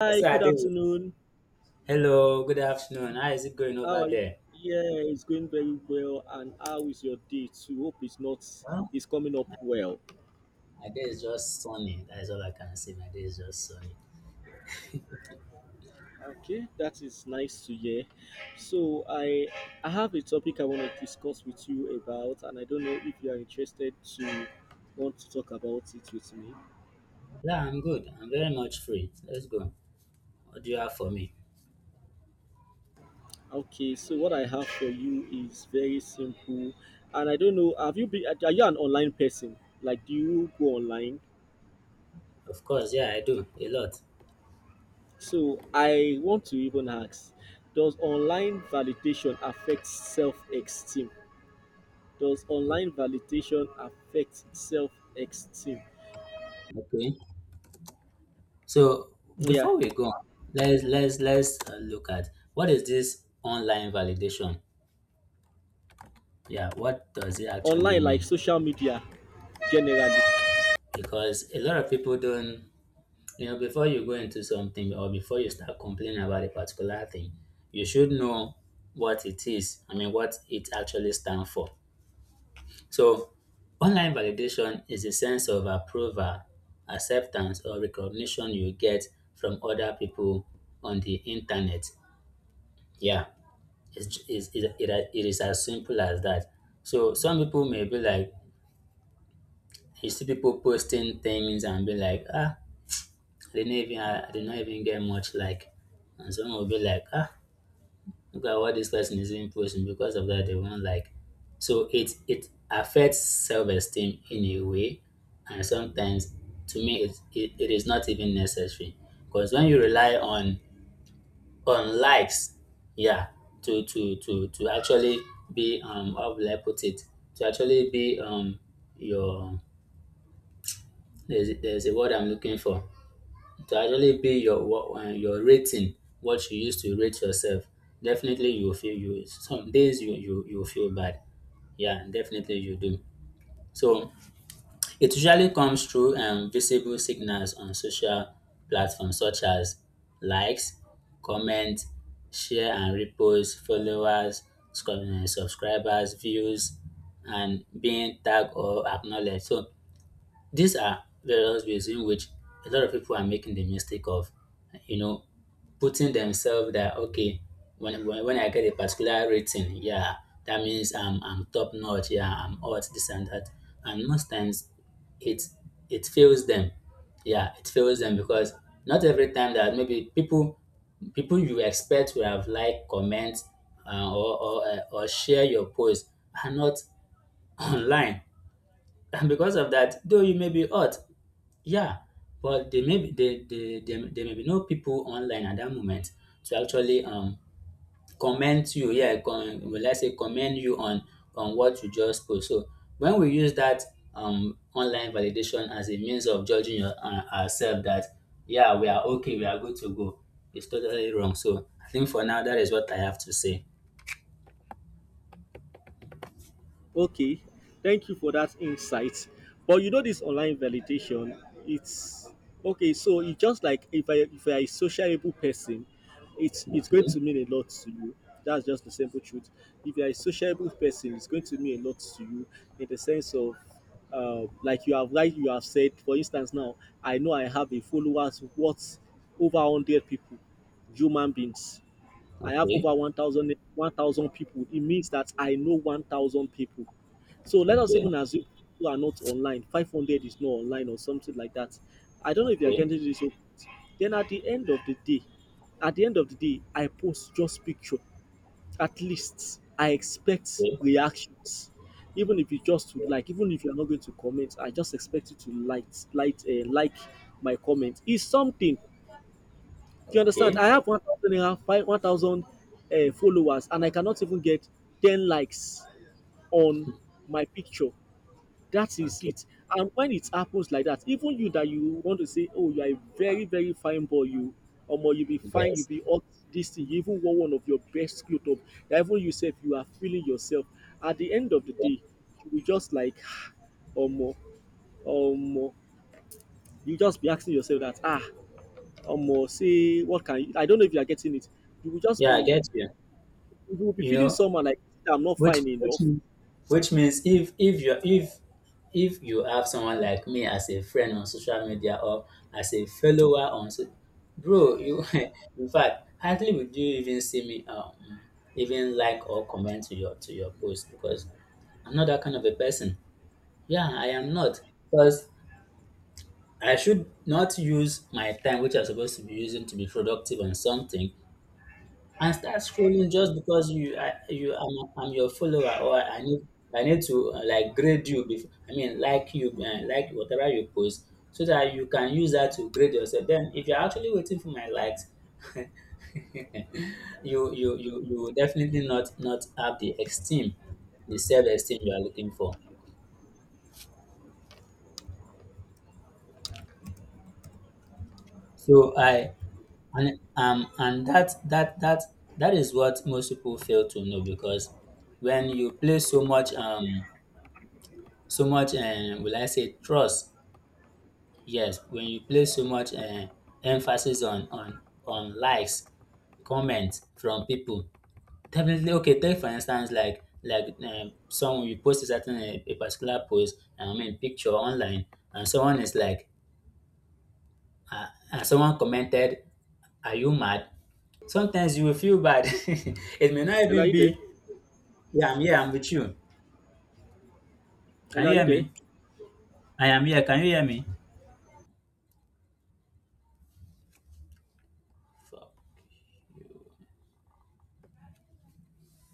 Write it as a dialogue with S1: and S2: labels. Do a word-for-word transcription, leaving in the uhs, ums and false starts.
S1: I
S2: Hi,
S1: said I
S2: good
S1: did.
S2: afternoon.
S1: Hello, good afternoon. How is it going
S2: How
S1: over
S2: are you?
S1: there?
S2: Yeah, it's going very well. And how is your day too? Hope it's not
S1: Well,
S2: it's coming up well.
S1: my day is just sunny. That is all I can say. My day is just sunny.
S2: Okay, that is nice to hear. So I I have a topic I want to discuss with you about, and I don't know if you are interested to want to talk about it with me.
S1: Yeah, I'm good. I'm very much free. Let's go. What do you have for me?
S2: Okay, so what I have for you is very simple, and I don't know. Have you been? Are you an online person? Like, do you go online?
S1: Of course, yeah, I do a lot.
S2: So I want to even ask, does online validation affect self-esteem? Does
S1: O-
S2: online validation affect self-esteem?
S1: Okay. So
S2: Yeah,
S1: before we go on, let's let's let's uh, look at, what is this online validation? Yeah, what does it actually
S2: online like
S1: mean?
S2: social media generally.
S1: Because a lot of people don't, You know, before you go into something or before you start complaining about a particular thing, you should know what it is. I mean, what it actually stands for. So, online validation is a sense of approval, acceptance, or recognition you get from other people on the internet. Yeah, it's, it's, it, it, it is as simple as that. So, some people may be like, you see people posting things and be like, ah, they didn't even, I did not even get much like. And some will be like, ah, look at what this person is even posting. Because of that, they won't like. So it it affects self esteem in a way, and sometimes to me it, it, it is not even necessary. Because when you rely on on likes, yeah, to to to to actually be um how will I put it? To actually be um your, there's there's a word I'm looking for. To actually be your wa- um your rating, what you used to rate yourself, definitely you will feel you, some days you you you will feel bad. Yeah, definitely you do. So it usually comes through um, visible signals on social platforms such as likes, comments, share and reposts, followers, sc- um, subscribers, views, and being tagged or acknowledged. So these are various ways in which a lot of people are making the mistake of, you know, putting themselves that okay, when when, when I get a particular rating, yeah, that means I'm I'm top notch, yeah, I'm hot, this and that. And most times it it fails them. Yeah, it fails them because not every time that maybe people people you expect will have like, comment, uh, or or, uh, or share your post are not online, and because of that, though you may be hot, yeah, but there may be there, there, there, there may be no people online at that moment to actually um comment you. Yeah, con, well, let's say commend you on on what you just post. So when we use that um online validation as a means of judging your, uh, ourselves, that yeah we are okay, we are good to go, it's totally wrong. So I think for now that is what I have to say.
S2: Okay, thank you for that insight. But you know this online validation, it's okay. So it's just like if I if I a sociable person, it's it's going
S1: Okay,
S2: to mean a lot to you. That's just the simple truth. If you're a sociable person, it's going to mean a lot to you in the sense of uh, like you have like you have said. For instance, now I know I have a followers what over hundred people, human beings. I have
S1: okay,
S2: over one thousand one thousand people. It means that I know one thousand people, so let us
S1: okay,
S2: even assume who are not online, five hundred is not online or something like that. I don't know if you are
S1: okay,
S2: getting this. So, then at the end of the day, at the end of the day, I post just picture. At least I expect
S1: okay,
S2: reactions. Even if you just to like, even if you are not going to comment, I just expect you to like, like, uh, like my comment. It's something. Do you understand?
S1: okay,
S2: I have 1,000 1,000 uh, followers and I cannot even get ten likes on my picture, that is
S1: okay.
S2: it. And when it happens like that, even you that you want to say, oh, you are a very, very fine boy, you, omo, you be fine, you
S1: Yes.
S2: be hot, this thing, you even wore one of your best clothes up, that even you sef, you are feeling yourself. At the end of the day, you will just like, ah, omo, omo, you just be asking yourself that, ah, omo, say, what can you, I don't know if you are getting it. You will just
S1: Yeah, I
S2: be,
S1: get you.
S2: you will be
S1: You
S2: feeling
S1: know,
S2: somehow like, I'm not
S1: which
S2: fine
S1: which
S2: enough.
S1: means, which means if if you if if you have someone like me as a friend on social media or as a follower on so- bro, you in fact, hardly would you even see me um even like or comment to your to your post, because I'm not that kind of a person. Yeah, I am not, because I should not use my time, which I'm supposed to be using to be productive on something, and start scrolling just because you I, you I'm, I'm your follower, or I need I need to uh, like, grade you before, I mean like you, uh, like whatever you post so that you can use that to grade yourself. Then if you're actually waiting for my likes, you you you you will definitely not not have the esteem, the self esteem you are looking for. So I, and um and that that that that is what most people fail to know, because when you play so much um so much, um, will I say trust. Yes, when you place so much, um, emphasis on on on likes, comments from people, definitely okay. Take for instance, like, like um, someone, you post a certain, a, a particular post, I mean picture online, and someone is like, and someone commented, "Are you mad?" Sometimes you will feel bad. It may not
S2: Ella, are
S1: even
S2: you there?
S1: be, "Yeah, I'm here. I'm with you. Can
S2: Ella,
S1: you
S2: are
S1: hear
S2: you there?
S1: me? I am here. Can you hear me?"